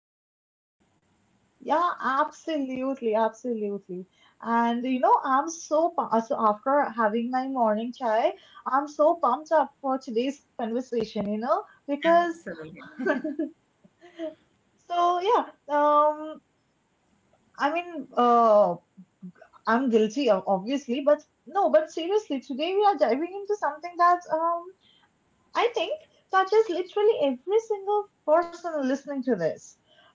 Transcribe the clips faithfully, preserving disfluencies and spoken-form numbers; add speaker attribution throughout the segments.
Speaker 1: your morning chai.
Speaker 2: Yeah, absolutely, absolutely. And you know, I'm so pu- uh, so after having my morning chai, I'm so pumped up for today's conversation, you know, because
Speaker 1: Absolutely.
Speaker 2: so yeah, um, I mean, uh, I'm guilty of obviously, but no, but seriously, today we are diving into something that um I think touches literally every single person listening to this.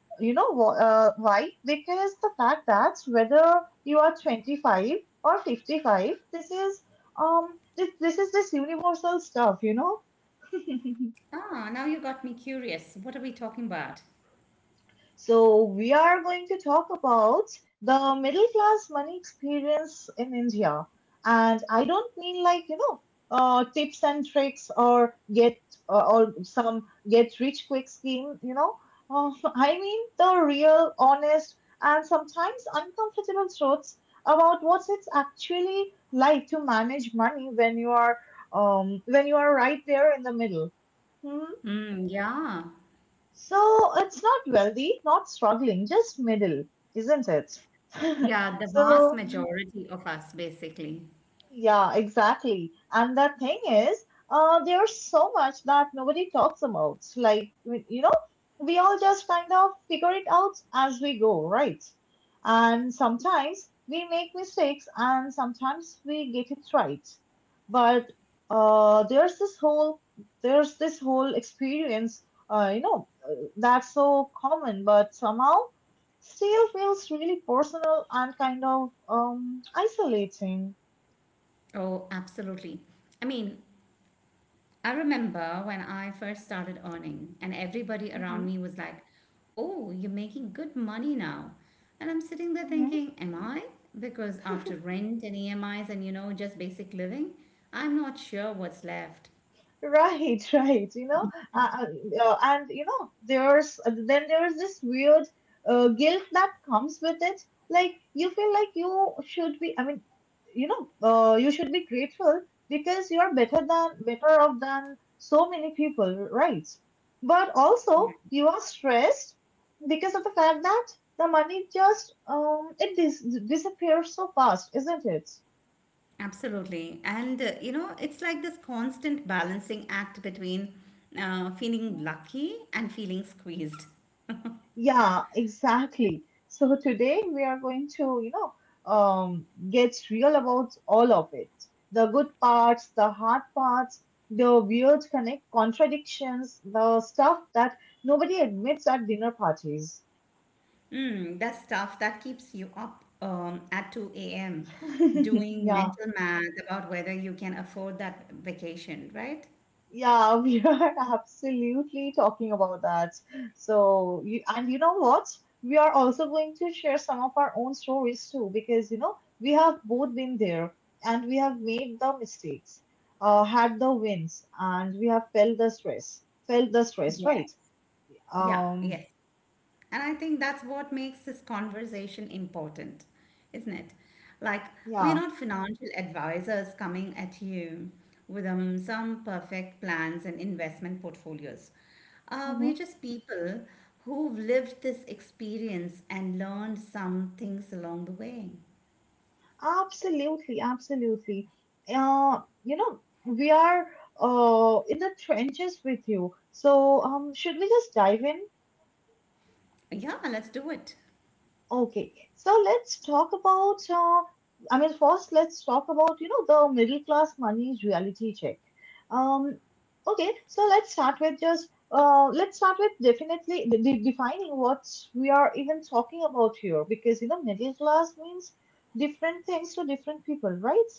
Speaker 2: You know wh- uh, why? Because the fact that whether you are twenty-five or fifty-five, this is um this, this is this universal stuff, you know.
Speaker 1: Ah, now you got me curious. What are we talking about?
Speaker 2: So, we are going to talk about the middle class money experience in India. And I don't mean like, you know, uh, tips and tricks or get uh, or some get rich quick scheme, you know. Uh, I mean the real, honest, and sometimes uncomfortable truths about what it's actually like to manage money when you are um, when you are right there in the middle. Hmm.
Speaker 1: Mm, yeah.
Speaker 2: So it's not wealthy, not struggling, just middle, isn't it?
Speaker 1: Yeah, the vast
Speaker 2: So
Speaker 1: majority of us, basically.
Speaker 2: yeah, exactly. And the thing is, uh, there's so much that nobody talks about. Like, we- you know, we all just kind of figure it out as we go, right? And sometimes we make mistakes and sometimes we get it right. But uh, there's this whole there's this whole experience, uh, you know, uh, that's so common, but somehow still feels really personal and kind of um, isolating.
Speaker 1: Oh, absolutely. I mean, I remember when I first started earning, and everybody around
Speaker 2: Mm-hmm.
Speaker 1: me was like, "Oh, you're making good money now." And I'm sitting there
Speaker 2: Mhm.
Speaker 1: thinking, "Am I?" Because after rent and E M Is and, you know, just basic living, I'm not sure what's left.
Speaker 2: Right, right. You know, uh, uh, uh, and you know, there's then there's this weird uh, guilt that comes with it. Like you feel like you should be. I mean, you know, uh, you should be grateful because you are better than better off than so many people, right? But
Speaker 1: Yeah,
Speaker 2: also you are stressed because of the fact that the money just um it dis disappears so fast, isn't it?
Speaker 1: absolutely. And, uh, you know, it's like this constant balancing act between uh, feeling lucky and feeling squeezed.
Speaker 2: Yeah, exactly. So today we are going to, you know, um, get real about all of it. The good parts, the hard parts, the weird connect contradictions, the stuff that nobody admits at dinner parties.
Speaker 1: Mm, that's tough. That keeps you up um, at two a m doing
Speaker 2: Yeah.
Speaker 1: mental math about whether you can afford that vacation, right?
Speaker 2: Yeah, we are absolutely talking about that. So, you, and you know what? We are also going to share some of our own stories too, because you know, we have both been there and we have made the mistakes, uh, had the wins, and we have felt the stress, felt the stress,
Speaker 1: Yes.
Speaker 2: right?
Speaker 1: Yeah,
Speaker 2: Um,
Speaker 1: yes. And I think that's what makes this conversation important, isn't it? Like, we're
Speaker 2: yeah.
Speaker 1: not financial advisors coming at you with um, some perfect plans and investment portfolios. Uh, we're
Speaker 2: Hmm.
Speaker 1: just people who've lived this experience and learned some things along the way.
Speaker 2: Absolutely, absolutely. Uh, you know, we are uh in the trenches with you. So, um, should we just dive in?
Speaker 1: Yeah, let's do it.
Speaker 2: Okay, so let's talk about. Uh, I mean, first let's talk about you know the middle class money reality check. Um, okay, so let's start with just uh, let's start with definitely de- de- defining what we are even talking about here, because you know middle class means different things to different people, right?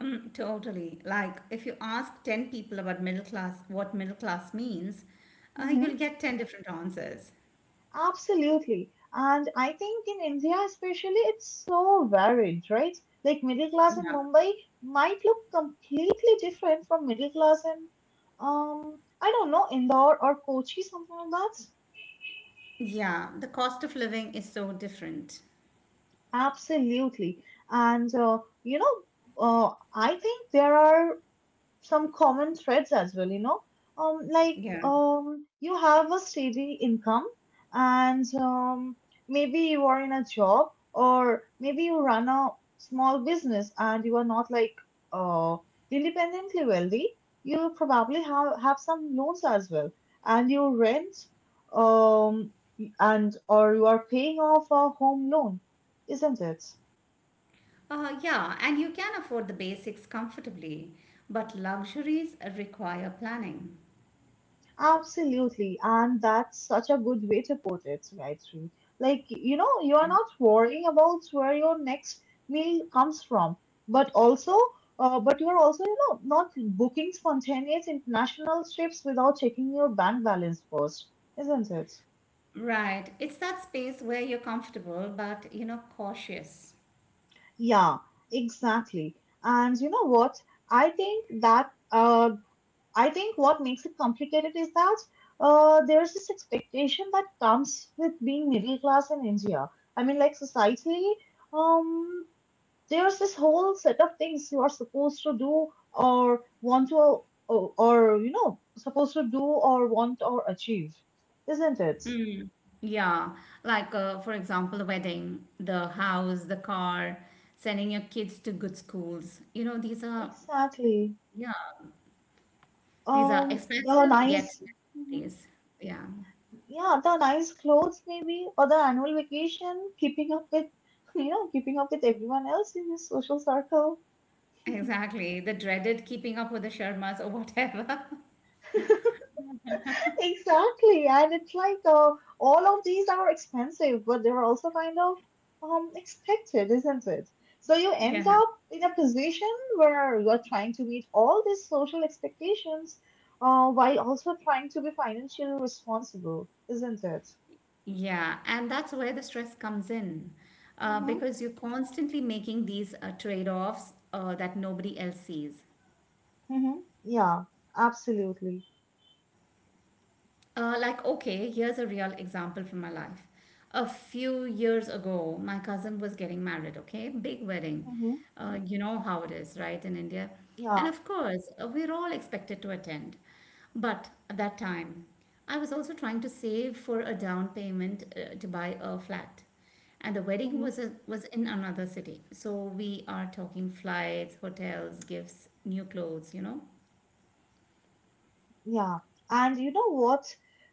Speaker 1: Mm, totally. Like, if you ask ten people about middle class, what middle class means, uh, you'll get ten different answers.
Speaker 2: Absolutely. And I think in India, especially, it's so varied, right? Like middle class in
Speaker 1: Yeah.
Speaker 2: Mumbai might look completely different from middle class in, um, I don't know, Indore or Kochi, something like that.
Speaker 1: Yeah. The cost of living is so different.
Speaker 2: Absolutely. And, uh, you know, uh, I think there are some common threads as well, you know. Um, like
Speaker 1: Yeah.
Speaker 2: um, you have a steady income, and um, maybe you are in a job, or maybe you run a small business, and you are not like uh, independently wealthy. You probably have have some loans as well, and you rent, um, and or you are paying off a home loan, isn't it?
Speaker 1: Uh, yeah. And you can afford the basics comfortably, but luxuries require planning.
Speaker 2: Absolutely, and that's such a good way to put it, Gayatri. Like, you know,
Speaker 1: Yeah.
Speaker 2: you're not worrying about where your next meal comes from, but also, uh, but you're also, you know, not booking spontaneous international trips without checking your bank balance first, isn't it?
Speaker 1: Right. It's that space where you're comfortable, but, you know, cautious.
Speaker 2: Yeah, exactly. And you know what? I think that uh, I think what makes it complicated is that uh, there's this expectation that comes with being middle class in India. I mean, like societally, um, there's this whole set of things you are supposed to do or want to, or, or you know, supposed to do or want or achieve, isn't it?
Speaker 1: Yeah, like uh, for example, the wedding, the house, the car, sending your kids to good schools. You know, these are,
Speaker 2: Exactly.
Speaker 1: yeah, these are
Speaker 2: Um, the
Speaker 1: expensive yet
Speaker 2: nice.
Speaker 1: necessities. Yeah,
Speaker 2: Yeah, the nice clothes maybe, or the annual vacation, keeping up with, you know, keeping up with everyone else in his social circle.
Speaker 1: exactly. The dreaded keeping up with the Sharmas or whatever.
Speaker 2: Exactly, and it's like uh, all of these are expensive, but they're also kind of um expected, isn't it? So you end
Speaker 1: Yeah.
Speaker 2: up in a position where you're trying to meet all these social expectations, uh, while also trying to be financially responsible, isn't it?
Speaker 1: Yeah, and that's where the stress comes in, uh,
Speaker 2: Mm-hmm.
Speaker 1: because you're constantly making these uh, trade-offs uh, that nobody else sees.
Speaker 2: Mm-hmm. Yeah, absolutely.
Speaker 1: Uh, like, okay, here's a real example from my life. A few years ago, my cousin was getting married, okay? Big wedding. Uh, you know how it is, right, in India. And
Speaker 2: Yeah,
Speaker 1: of course, uh, we're all expected to attend. But at that time, I was also trying to save for a down payment uh, to buy a flat. And the wedding
Speaker 2: mhm,
Speaker 1: was a, was in another city. So we are talking flights, hotels, gifts, new clothes, you know.
Speaker 2: yeah, and you know what?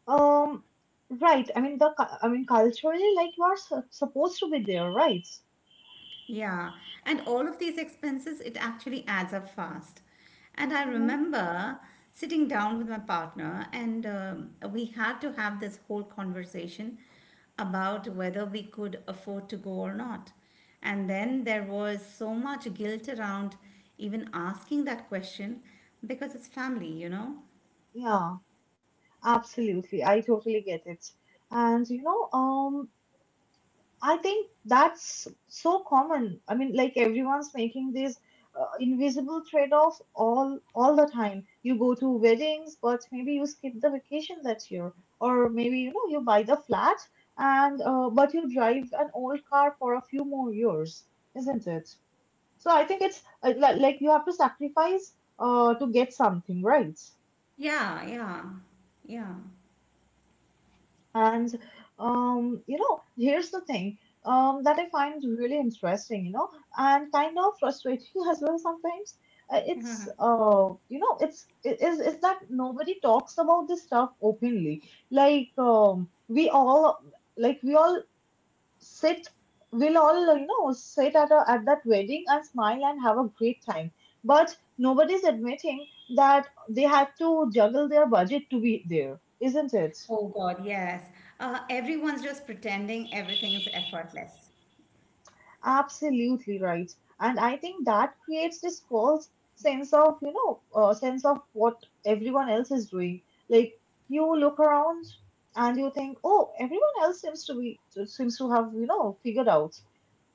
Speaker 2: Um, right. I mean the, cu- I mean culturally, like you are su- supposed to be there, right?
Speaker 1: Yeah, and all of these expenses, it actually adds up fast. And I
Speaker 2: Mm-hmm.
Speaker 1: remember sitting down with my partner, and um, we had to have this whole conversation about whether we could afford to go or not. And then there was so much guilt around even asking that question because it's family, you know?
Speaker 2: Yeah, absolutely. I totally get it. And you know, um, I think that's so common. I mean, like everyone's making these uh, invisible trade-offs all all the time. You go to weddings, but maybe you skip the vacation that year, or maybe you know you buy the flat and uh, but you drive an old car for a few more years, isn't it? So I think it's uh, li- like you have to sacrifice uh, to get something, right?
Speaker 1: Yeah, yeah,
Speaker 2: And um, you know, here's the thing um, that I find really interesting, you know, and kind of frustrating as well sometimes. Uh, It's
Speaker 1: yeah.
Speaker 2: uh, You know, it's it is is that nobody talks about this stuff openly. Like um, we all like we all sit, we'll all you know sit at a, at that wedding and smile and have a great time. But nobody's admitting that they had to juggle their budget to be there, isn't it?
Speaker 1: Oh God, yes. Uh, everyone's just pretending everything's effortless.
Speaker 2: Absolutely right. And I think that creates this false sense of, you know, uh, sense of what everyone else is doing. Like you look around and you think, oh, everyone else seems to be seems to have, you know, figured out,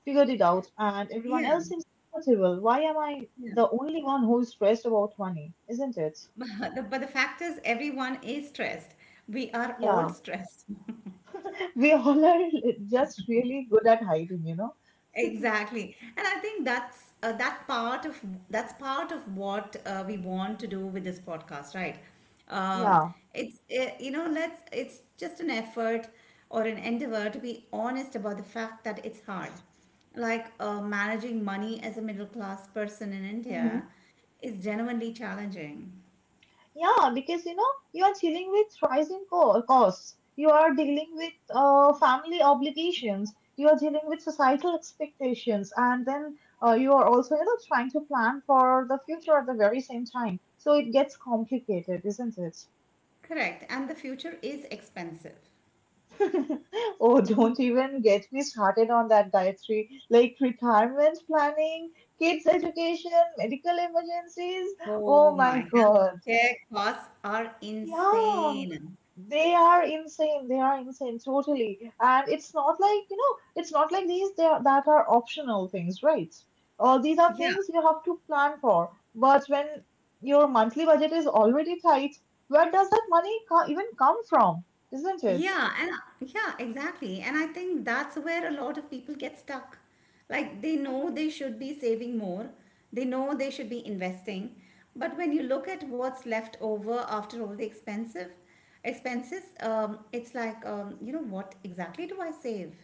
Speaker 2: figured it out, and everyone
Speaker 1: Yeah.
Speaker 2: else seems comfortable. Why am I
Speaker 1: Yeah.
Speaker 2: the only one who's stressed about money? Isn't it?
Speaker 1: But The- But the fact is, everyone is stressed. We are all
Speaker 2: Yeah,
Speaker 1: stressed.
Speaker 2: we all are just really good at hiding, you know.
Speaker 1: Exactly. And I think that's uh, that part of that's part of what uh, we want to do with this podcast, right? Um,
Speaker 2: Yeah.
Speaker 1: it's uh, you know, let's it's just an effort or an endeavor to be honest about the fact that it's hard. Like uh, managing money as a middle class person in India
Speaker 2: Mm-hmm.
Speaker 1: is genuinely challenging.
Speaker 2: Yeah, because you know, you are dealing with rising co- costs, you are dealing with uh, family obligations, you are dealing with societal expectations, and then uh, you are also, you know, trying to plan for the future at the very same time. So it gets complicated, isn't it?
Speaker 1: Correct. And the future is expensive.
Speaker 2: Oh, don't even get me started on that, Gayatri. Like retirement planning, kids' education, medical emergencies.
Speaker 1: Oh
Speaker 2: Oh my
Speaker 1: my,
Speaker 2: God.
Speaker 1: healthcare costs are
Speaker 2: Yeah.
Speaker 1: insane.
Speaker 2: They are insane. They are insane, totally. And it's not like, you know, it's not like these they are, that are optional things, right? Uh, these are
Speaker 1: Yeah,
Speaker 2: things you have to plan for. But when your monthly budget is already tight, where does that money co- even come from? Isn't it?
Speaker 1: yeah, and yeah, exactly. And I think that's where a lot of people get stuck. Like they know
Speaker 2: Hmm.
Speaker 1: they should be saving more, they know they should be investing, but when you look at what's left over after all the expensive expenses, um, it's like, um, you know, what exactly do I save?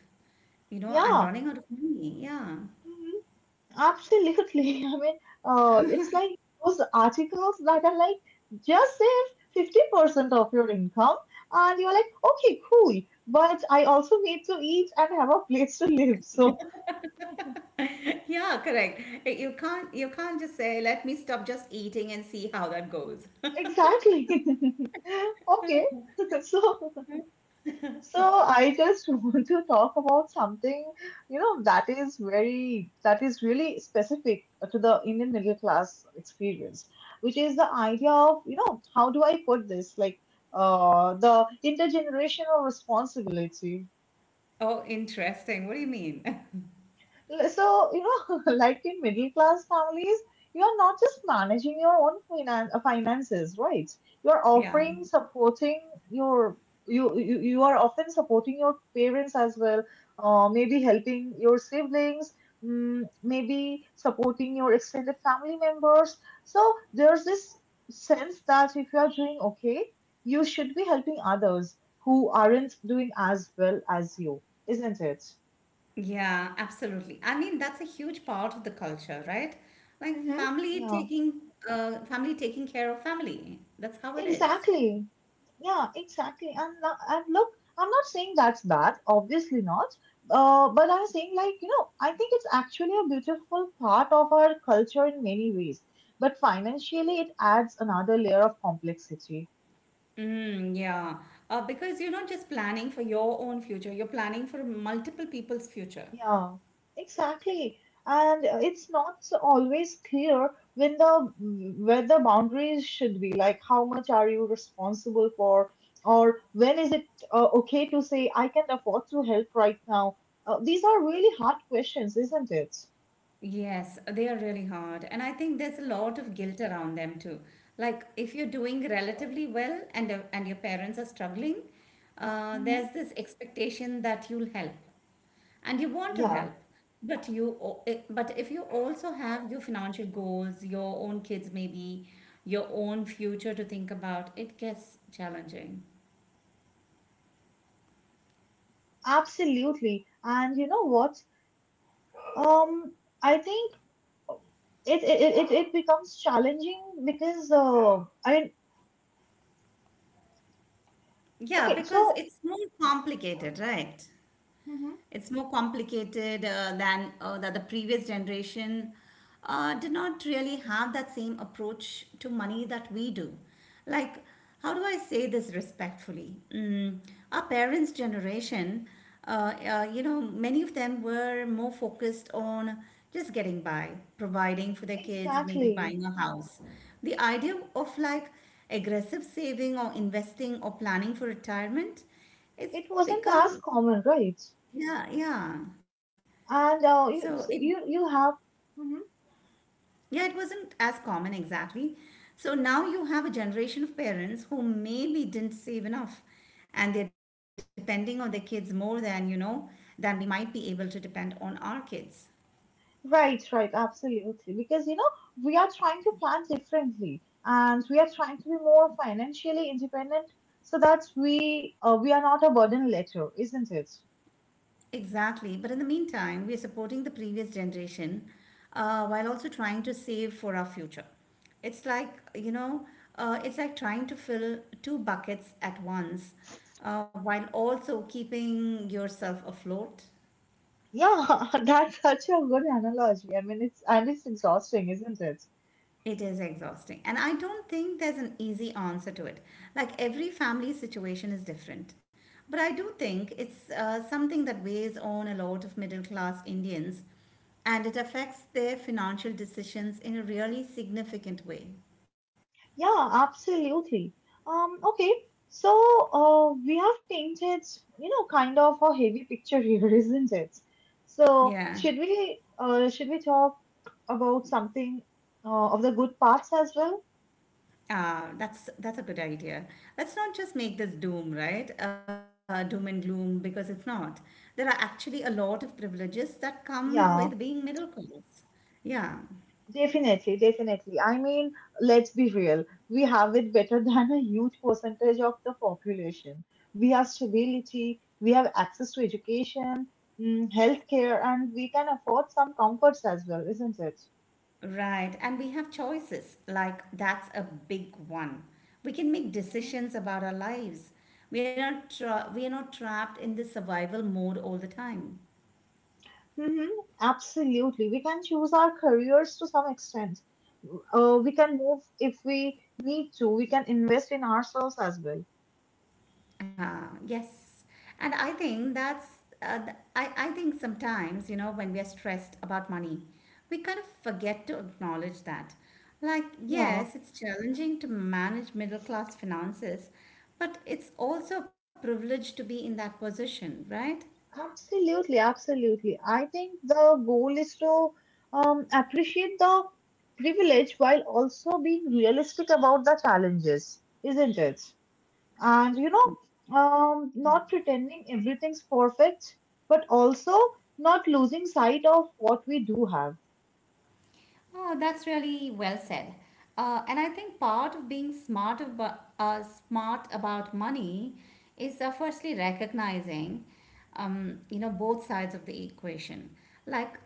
Speaker 1: You know, I'm
Speaker 2: Yeah.
Speaker 1: running out of money. Yeah.
Speaker 2: Absolutely. I mean, uh, it's like those articles that are like just save fifty percent of your income, and you're like, okay, cool, but I also need to eat and have a place to live. So,
Speaker 1: yeah correct Eh, you can't you can't just say let me stop just eating and see how that goes.
Speaker 2: exactly. Okay. So, so I just want to talk about something, you know, that is very, that is really specific to the Indian middle class experience, which is the idea of, you know, how do I put this? Like, uh, the intergenerational responsibility.
Speaker 1: Oh interesting, what do you mean?
Speaker 2: So, you know, like in middle class families, you're not just managing your own finan- uh, finances, right? You're
Speaker 1: yeah
Speaker 2: offering, supporting your you, you you are often supporting your parents as well, uh, maybe helping your siblings, mm, maybe supporting your extended family members. So there's this sense that if you are doing okay, you should be helping others who aren't doing as well as you, isn't it?
Speaker 1: yeah absolutely, I mean that's a huge part of the culture, right? Like
Speaker 2: Mm-hmm.
Speaker 1: family
Speaker 2: Yeah.
Speaker 1: taking uh, family taking care of family, that's how it is.
Speaker 2: Exactly. Yeah, exactly. And now, and look, I'm not saying that's bad, obviously not. Uh, but I'm saying like, you know, I think it's actually a beautiful part of our culture in many ways. But financially, it adds another layer of complexity.
Speaker 1: Mm, yeah, uh, because you're not just planning for your own future, you're planning for multiple people's future.
Speaker 2: Yeah, exactly. And uh, it's not so always clear when the where the boundaries should be. Like, how much are you responsible for, or when is it uh, okay to say I can afford to help right now? Uh, these are really hard questions, isn't it?
Speaker 1: Yes, they are really hard. And I think there's a lot of guilt around them too. Like if you're doing relatively well and uh, and your parents are struggling, uh,
Speaker 2: Hmm.
Speaker 1: there's this expectation that you'll help. And you want to
Speaker 2: Yeah,
Speaker 1: help, but you o- i- but if you also have your financial goals, your own kids maybe, your own future to think about, it gets challenging.
Speaker 2: absolutely. And you know what? Um, I think uh, it it it, it it becomes challenging because uh, I mean,
Speaker 1: Yeah,
Speaker 2: okay,
Speaker 1: because
Speaker 2: so
Speaker 1: it's more complicated, right?
Speaker 2: hmm
Speaker 1: It's more complicated uh, than uh, that the previous generation uh, did not really have that same approach to money that we do. Like, how do I say this respectfully? Mm, our parents' generation, uh, uh, you know, many of them were more focused on just getting by, providing for their kids, maybe
Speaker 2: exactly
Speaker 1: buying a house. The idea of like aggressive saving or investing or planning for retirement, it's
Speaker 2: it wasn't as
Speaker 1: become
Speaker 2: common, right?
Speaker 1: yeah yeah
Speaker 2: And
Speaker 1: so
Speaker 2: uh,
Speaker 1: it,
Speaker 2: you, you you have mhm.
Speaker 1: yeah, it wasn't as common exactly. So now you have a generation of parents who maybe didn't save enough and they're depending on their kids more than, you know, than we might be able to depend on our kids.
Speaker 2: Right, right, absolutely. Because you know we are trying to plan differently, and we are trying to be more financially independent, so that we uh, we are not a burden later, isn't it?
Speaker 1: Exactly. But in the meantime, we're supporting the previous generation uh, while also trying to save for our future. It's like, you know, uh, it's like trying to fill two buckets at once uh, while also keeping yourself afloat.
Speaker 2: Yeah, that's such a good analogy. I mean, it's and it's exhausting, isn't it?
Speaker 1: It is exhausting. And I don't think there's an easy answer to it. Like every family situation is different. But I do think it's uh, something that weighs on a lot of middle class Indians and it affects their financial decisions in a really significant way.
Speaker 2: Yeah, absolutely. Um, okay, so uh, we have painted, you know, kind of a heavy picture here, isn't it? So
Speaker 1: Yeah.
Speaker 2: should we uh, should we talk about something uh, of the good parts as well?
Speaker 1: Ah, that's that's a good idea. Let's not just make this doom, right? Uh, doom and gloom, because it's not. There are actually a lot of privileges that come with being
Speaker 2: Yeah,
Speaker 1: middle class. Yeah.
Speaker 2: definitely, definitely. I mean, let's be real. We have it better than a huge percentage of the population. We have stability, we have access to education, mm, healthcare, and we can afford some comforts as well, isn't it?
Speaker 1: Right, and we have choices. Like, that's a big one. We can make decisions about our lives. We are not tra- we are not trapped in the survival mode all the time.
Speaker 2: Mm-hmm. Absolutely. We can choose our careers to some extent. Uh, we can move if we need to. We can invest in ourselves as well.
Speaker 1: Ah, yes, and I think that's uh, th- I I think sometimes, you know, when we are stressed about money, we kind of forget to acknowledge that. Like,
Speaker 2: Yeah,
Speaker 1: yes, it's challenging to manage middle class finances, but it's also a privilege to be in that position, right?
Speaker 2: absolutely. Absolutely. I think the goal is to um, appreciate the privilege while also being realistic about the challenges, isn't it? And, you know, um, not pretending everything's perfect, but also not losing sight of what we do have.
Speaker 1: Oh, that's really well said. Uh, and I think part of being smart about uh, smart about money is uh, firstly recognizing, um, you know, both sides of the equation, like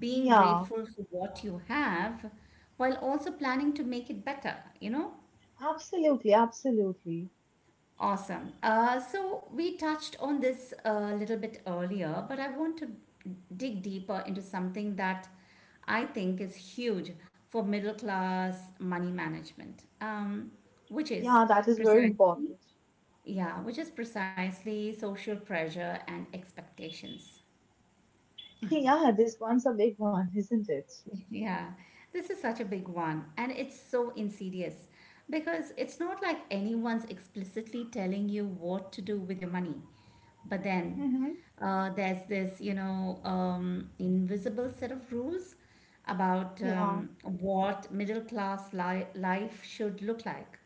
Speaker 1: being
Speaker 2: Yeah.
Speaker 1: grateful for what you have, while also planning to make it better. You know,
Speaker 2: Absolutely, absolutely.
Speaker 1: Awesome. Uh, so we touched on this a little bit earlier, but I want to dig deeper into something that I think is huge for middle class money management, um, which is
Speaker 2: Yeah, that is very
Speaker 1: precisely,
Speaker 2: important.
Speaker 1: yeah, which is precisely social pressure and expectations.
Speaker 2: Yeah, this one's a big one, isn't it?
Speaker 1: Yeah, this is such a big one, and it's so insidious because it's not like anyone's explicitly telling you what to do with your money. But then
Speaker 2: Mm-hmm.
Speaker 1: uh, there's this, you know, um, invisible set of rules about
Speaker 2: Yeah,
Speaker 1: um, what middle class li- life should look like.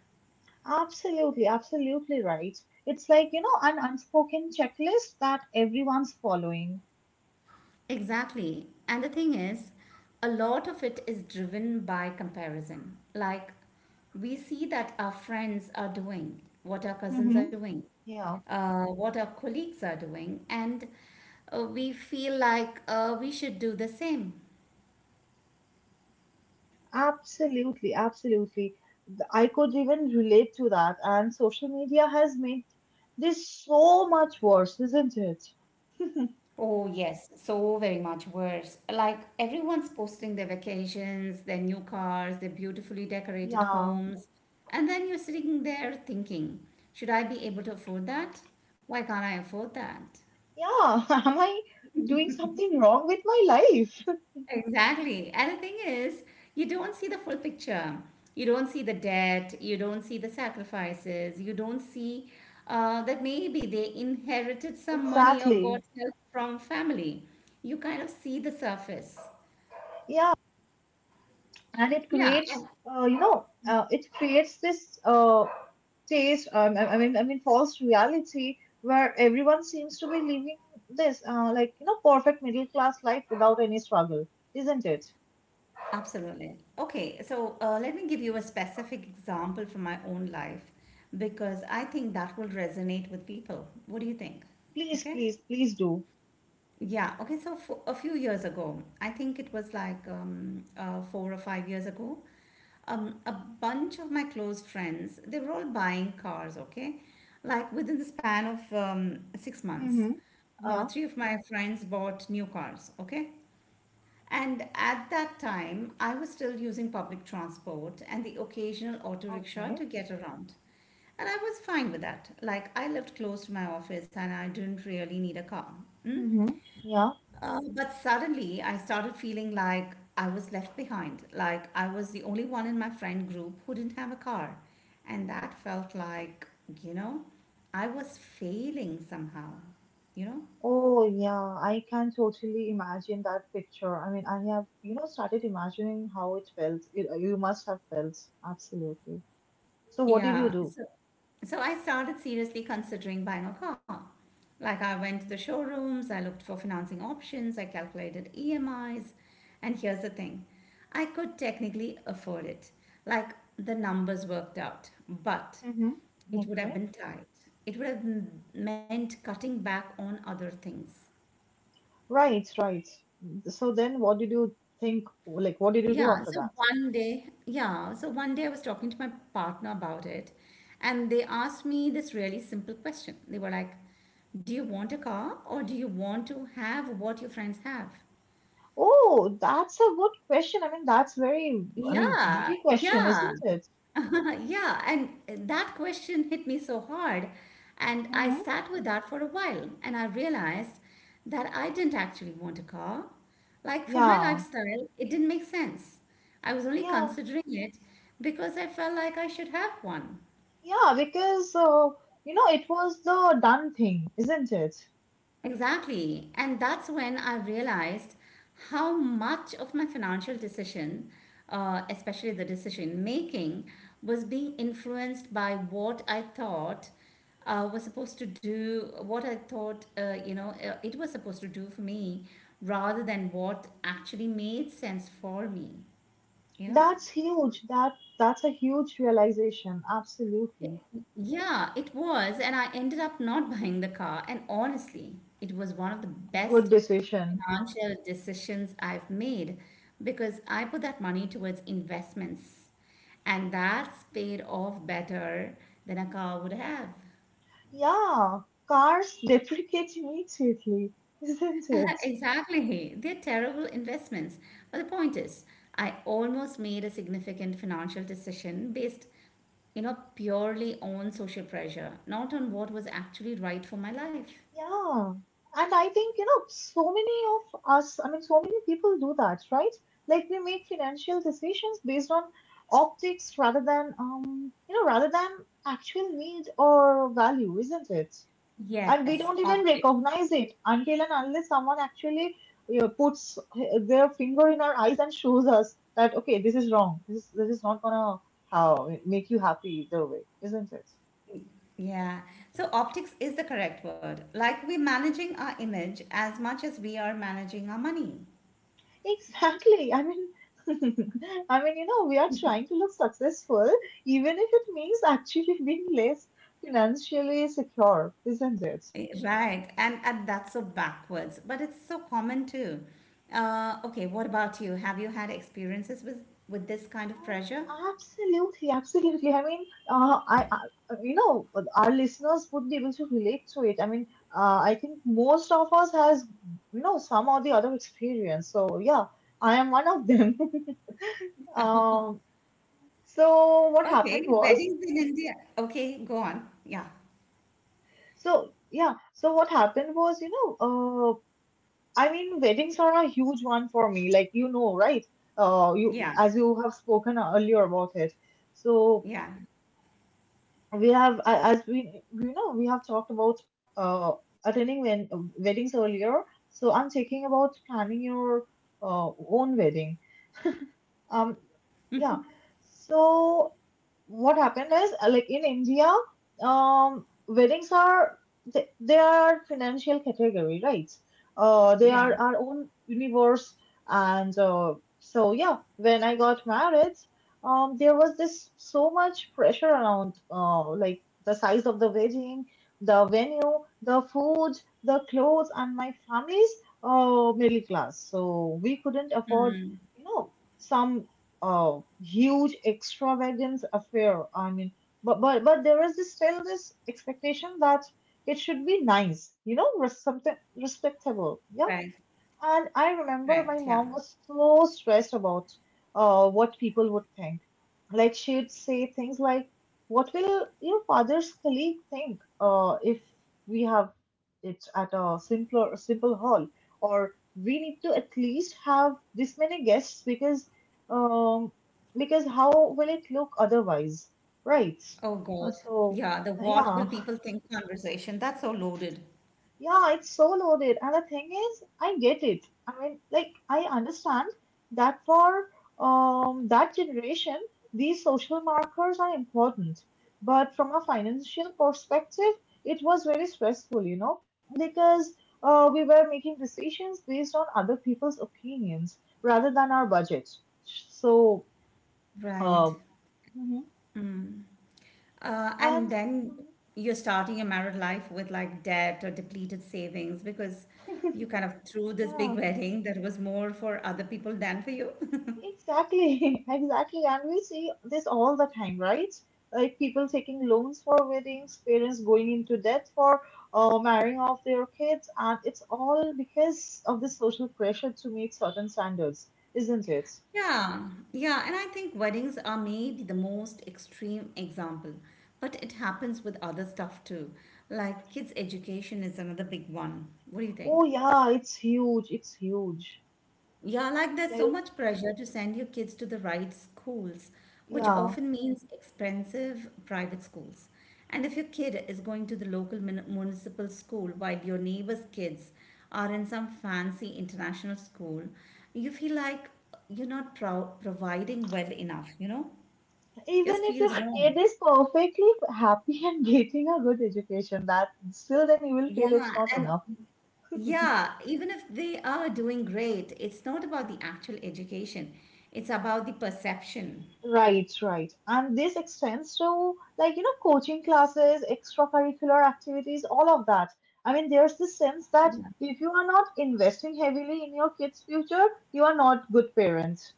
Speaker 2: absolutely, absolutely right. It's like, you know, an unspoken checklist that everyone's following.
Speaker 1: Exactly. And the thing is, a lot of it is driven by comparison. Like, we see that our friends are doing, what our cousins are
Speaker 2: Mm-hmm.
Speaker 1: doing,
Speaker 2: Yeah,
Speaker 1: uh, what our colleagues are doing, and uh, we feel like uh, we should do the same.
Speaker 2: absolutely, absolutely. Th- I could even relate to that. And social media has made this so much worse, isn't it?
Speaker 1: Oh, yes, so very much worse. Like everyone's posting their vacations, their new cars, their beautifully decorated
Speaker 2: Yeah,
Speaker 1: homes. And then you're sitting there thinking, should I be able to afford that? Why can't I afford that?
Speaker 2: yeah. Am I doing something wrong with my life?
Speaker 1: Exactly. And the thing is, you don't see the full picture. You don't see the debt. You don't see the sacrifices. You don't see uh, that maybe they inherited some money or got
Speaker 2: Exactly.
Speaker 1: help from family. You kind of see the surface.
Speaker 2: Yeah, and it
Speaker 1: Yeah,
Speaker 2: creates
Speaker 1: ab-
Speaker 2: uh, you know uh, it creates this uh, taste um, I, I mean i mean false reality where everyone seems to be living this uh, like you know perfect middle class life without any struggle, isn't it?
Speaker 1: Absolutely. Okay, so uh, let me give you a specific example from my own life because I think that will resonate with people. What do you think?
Speaker 2: Please,
Speaker 1: Okay.
Speaker 2: please, please do.
Speaker 1: Yeah, okay, so for a few years ago, I think it was like um, uh, four or five years ago, um, a bunch of my close friends, they were all buying cars, okay? Like within the span of um, six months.
Speaker 2: Mm-hmm.
Speaker 1: Uh,
Speaker 2: Yeah.
Speaker 1: three of my friends bought new cars, okay? And at that time, I was still using public transport and the occasional auto rickshaw
Speaker 2: Okay.
Speaker 1: to get around. And I was fine with that. Like, I lived close to my office and I didn't really need a car. Mm?
Speaker 2: Mm-hmm. Yeah.
Speaker 1: Uh, but suddenly, I started feeling like I was left behind, like I was the only one in my friend group who didn't have a car. And that felt like, you know, I was failing somehow, you know?
Speaker 2: Oh, yeah. I can totally imagine that picture. I mean, I have, you know, started imagining how it felt. It, you must have felt. Absolutely. So, what did you
Speaker 1: Yeah.
Speaker 2: do?
Speaker 1: So, so I started seriously considering buying a car. Like I went to the showrooms, I looked for financing options, I calculated E M Is, and here's the thing. I could technically afford it. Like the numbers worked out, but
Speaker 2: Mm-hmm.
Speaker 1: it would have
Speaker 2: Okay.
Speaker 1: been tight. It would have m- meant cutting back on other things.
Speaker 2: Right, right. So then what did you think? Like, what did you do
Speaker 1: Yeah,
Speaker 2: after
Speaker 1: so
Speaker 2: that?
Speaker 1: one day, yeah, so one day I was talking to my partner about it, and they asked me this really simple question. They were like, "Do you want a car or do you want to have what your friends have?"
Speaker 2: Oh, that's a good question. I mean, that's very, I mean,
Speaker 1: Yeah,
Speaker 2: witty question,
Speaker 1: yeah.
Speaker 2: isn't it?
Speaker 1: Yeah, and eh, that question hit me so hard. And I
Speaker 2: Mm-hmm.
Speaker 1: sat with that for a while and I realized that I didn't actually want a car. Like for my
Speaker 2: Yeah,
Speaker 1: lifestyle, it didn't make sense. I was only
Speaker 2: yeah,
Speaker 1: considering it because I felt like I should have one.
Speaker 2: yeah, because, uh, you know, it was the done thing, isn't it?
Speaker 1: Exactly. And that's when I realized how much of my financial decision, uh, especially the decision making, was being influenced by what I thought uh, was supposed to do, what I thought, uh, you know, uh, it was supposed to do for me rather than what actually made sense for me, you know?
Speaker 2: That's huge. That that's a huge realization. Absolutely.
Speaker 1: Yeah, it was. And I ended up not buying the car. And honestly, it was one of the
Speaker 2: Good
Speaker 1: best
Speaker 2: decision.
Speaker 1: financial decisions I've made because I put that money towards investments. And that's paid off better than a car would have.
Speaker 2: Yeah, cars deprecate immediately, isn't it?
Speaker 1: Exactly. They're terrible investments. But the point is, I almost made a significant financial decision based, you know, purely on social pressure, not on what was actually right for my life.
Speaker 2: Yeah, and I think, you know, so many of us, I mean, so many people do that, right? Like we make financial decisions based on optics rather than, um, you know, rather than actual need or value, isn't it? And we
Speaker 1: Yes,
Speaker 2: don't even
Speaker 1: optics.
Speaker 2: recognize it until and unless someone actually, you know, puts their finger in our eyes and shows us that, okay, this is wrong. This is, this is not gonna how make you happy either way, isn't it?
Speaker 1: Yeah. So optics is the correct word. Like we're managing our image as much as we are managing our money.
Speaker 2: Exactly. I mean, I mean, you know, we are trying to look successful, even if it means actually being less financially secure, isn't it?
Speaker 1: Eh, Right. And, and that's so backwards, but it's so common too. Uh, okay, what about you? Have you had experiences with, with this kind of pressure?
Speaker 2: Um, absolutely, absolutely. I mean, uh, I, I, you know, our listeners would be able to relate to it. I mean, uh, I think most of us has, you know, some or the other experience. So yeah, I am one of them. um, so what happened
Speaker 1: Okay,
Speaker 2: was,
Speaker 1: weddings in India. Okay, go on. Yeah.
Speaker 2: so yeah, so what happened was, you know, uh, I mean, weddings are a huge one for me, like you know, right? Uh, you
Speaker 1: Yeah.
Speaker 2: as you have spoken earlier about it. So
Speaker 1: Yeah.
Speaker 2: we have, a- as we you know, we have talked about uh attending when, uh, weddings earlier. So I'm thinking about planning your uh, own wedding. Um, yeah. So what happened is uh, like in India, um, weddings are they, they are financial category, right? Uh, they
Speaker 1: Yeah.
Speaker 2: are our own universe, and uh, so yeah, when I got married, um, there was this so much pressure around uh, like the size of the wedding, the venue, the food, the clothes, and my family's uh, middle class, so we couldn't afford
Speaker 1: Mm,
Speaker 2: you know some uh, huge extravagance affair. I mean, but but but there is this- still this expectation that it should be nice, you know, res- something
Speaker 1: right.
Speaker 2: respectable. Yeah,
Speaker 1: Right.
Speaker 2: and I
Speaker 1: Yeah.
Speaker 2: remember my mom was so stressed about uh, what people would think. Like she'd say things like, "What will your father's colleague think uh, if we have it at a simpler, simple hall?" Or we need to at least have this many guests because um, because how will it look otherwise, right?
Speaker 1: Oh God.
Speaker 2: Uh, So
Speaker 1: Yeah, the "what will
Speaker 2: yeah,
Speaker 1: people think" conversation. That's so loaded.
Speaker 2: yeah, it's so loaded. And the thing is, I get it. I mean, like, I understand that for um, that generation, these social markers are important. But from a financial perspective, it was very stressful, you know, because uh, we were making decisions based on other people's opinions rather than our budget. So,
Speaker 1: Right.
Speaker 2: uh, mhm.
Speaker 1: Uh, and
Speaker 2: and
Speaker 1: then you're starting your married life with like debt or depleted savings because you kind of threw this big
Speaker 2: yeah.
Speaker 1: wedding that was more for other people than for you.
Speaker 2: Exactly, exactly. And we see this all the time, right? Like people taking loans for weddings, parents going into debt for uh, marrying off their kids, and it's all because of the social pressure to meet certain standards, isn't it?
Speaker 1: Yeah, yeah, and I think weddings are maybe the most extreme example, but it happens with other stuff too. Like kids' education is another big one. What do you think?
Speaker 2: Oh, yeah, it's huge. It's huge.
Speaker 1: Yeah, like there's so
Speaker 2: Like,
Speaker 1: much pressure to send your kids to the right schools, which
Speaker 2: yeah,
Speaker 1: often means expensive private schools. And if your kid is going to the local mun- municipal school while your neighbor's kids are in some fancy international school, you feel like you're not pro- providing well enough, you know?
Speaker 2: even
Speaker 1: Just
Speaker 2: if your
Speaker 1: feels
Speaker 2: kid
Speaker 1: wrong.
Speaker 2: is perfectly happy and getting a good education, that still then you will feel
Speaker 1: Yeah,
Speaker 2: it's not
Speaker 1: and
Speaker 2: enough.
Speaker 1: yeah, even if they are doing great, it's not about the actual education, it's about the perception.
Speaker 2: Right, right. And this extends to like, you know, coaching classes, extracurricular activities, all of that. I mean, there's this sense that if you are not investing heavily in your kids' future, you are not good parents,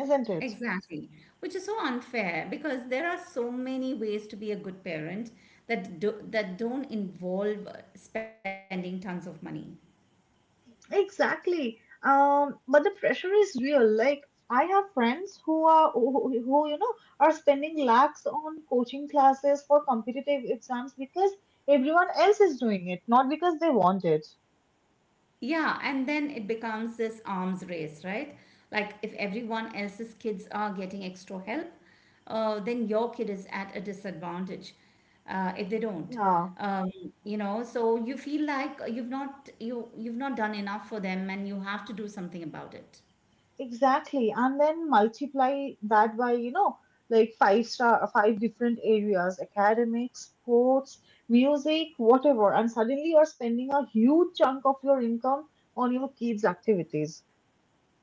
Speaker 2: isn't it?
Speaker 1: Exactly, which is so unfair because there are so many ways to be a good parent that do, that don't involve uh, spending tons of money.
Speaker 2: Exactly. Um, but the pressure is real. Like, I have friends who are who, who you know are spending lakhs on coaching classes for competitive exams because everyone else is doing it, not because they want it.
Speaker 1: Yeah, and then it becomes this arms race, right? Like if everyone else's kids are getting extra help, uh, then your kid is at a disadvantage uh, if they don't.
Speaker 2: Yeah.
Speaker 1: Um, you know, so you feel like you've not you you've not done enough for them, and you have to do something about it.
Speaker 2: Exactly. And then multiply that by, you know, like five star, five different areas, academics, sports, music, whatever. And suddenly you're spending a huge chunk of your income on your kids' activities.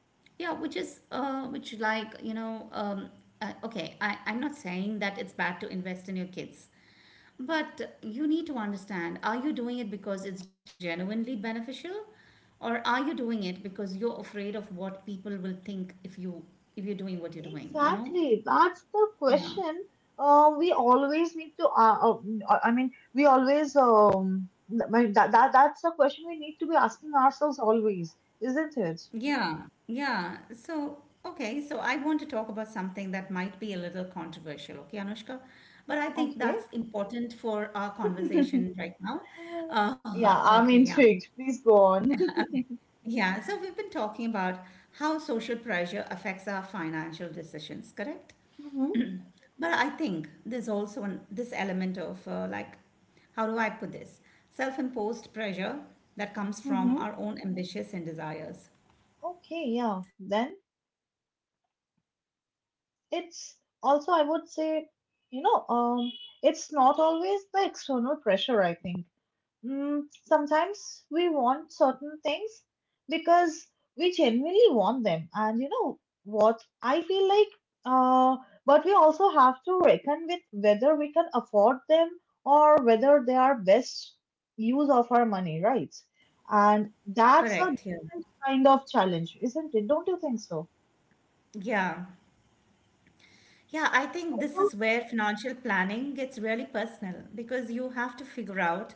Speaker 1: Yeah, which is uh, which like you know, um, uh, okay, I I'm not saying that it's bad to invest in your kids, but you need to understand: are you doing it because it's genuinely beneficial, or are you doing it because you're afraid of what people will think if you if you're doing what you're doing? You know?
Speaker 2: Exactly. That's the
Speaker 1: Yeah.
Speaker 2: question uh, we always need to, uh, uh, I mean, we always, um, that, that, that's the question we need to be asking ourselves always, isn't it?
Speaker 1: Yeah, yeah. So, okay, so I want to talk about something that might be a little controversial, okay, Anushka? But I think
Speaker 2: Okay.
Speaker 1: that's important for our conversation right now. Uh,
Speaker 2: Yeah, I'm
Speaker 1: okay, yeah.
Speaker 2: intrigued. Please go on.
Speaker 1: Okay. Yeah, so we've been talking about how social pressure affects our financial decisions, correct?
Speaker 2: Mm-hmm,
Speaker 1: But I think there's also an, this element of uh, like, how do I put this? Self-imposed pressure that comes from
Speaker 2: mm-hmm.
Speaker 1: our own ambitions and desires.
Speaker 2: Okay, yeah. Then it's also, I would say, you know, um, it's not always the external pressure, I think. Mm, sometimes we want certain things because we genuinely want them. And you know what? I feel like, uh, but we also have to reckon with whether we can afford them or whether they are best use of our money, right? And
Speaker 1: Correct, yeah.
Speaker 2: that's a different kind of challenge, isn't it? Don't you think so?
Speaker 1: Yeah. Yeah, I think this is
Speaker 2: So,
Speaker 1: where financial planning gets really personal because you have to figure out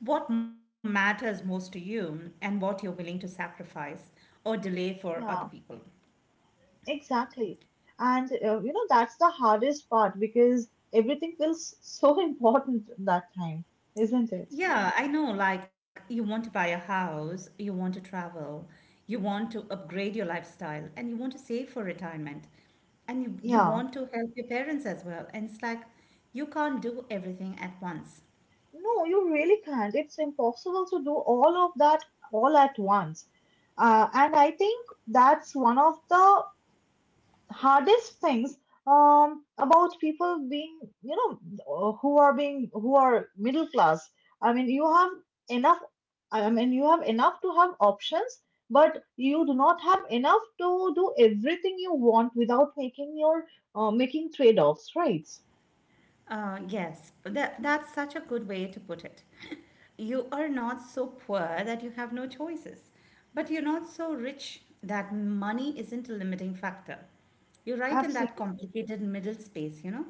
Speaker 1: what matters most to you and what you're willing to sacrifice or delay for other
Speaker 2: yeah.
Speaker 1: people.
Speaker 2: Exactly. And uh, you know, that's the hardest part because everything feels so important that time, isn't it?
Speaker 1: Yeah, I know, like you want to buy a house, you want to travel, you want to upgrade your lifestyle, and you want to save for retirement, and you, you
Speaker 2: Yeah.
Speaker 1: want to help your parents as well. And it's like you can't do everything at once.
Speaker 2: No, you really can't. It's impossible to do all of that all at once. Uh, and I think that's one of the hardest things um, about people being, you know, uh, who are being, who are middle class. I mean, you have enough, I mean, you have enough to have options, but you do not have enough to do everything you want without making your, uh, making trade-offs, right?
Speaker 1: Uh, yes, that, that's such a good way to put it. You are not so poor that you have no choices, but you're not so rich that money isn't a limiting factor. You're right in that
Speaker 2: Absolutely.
Speaker 1: complicated middle space, you know?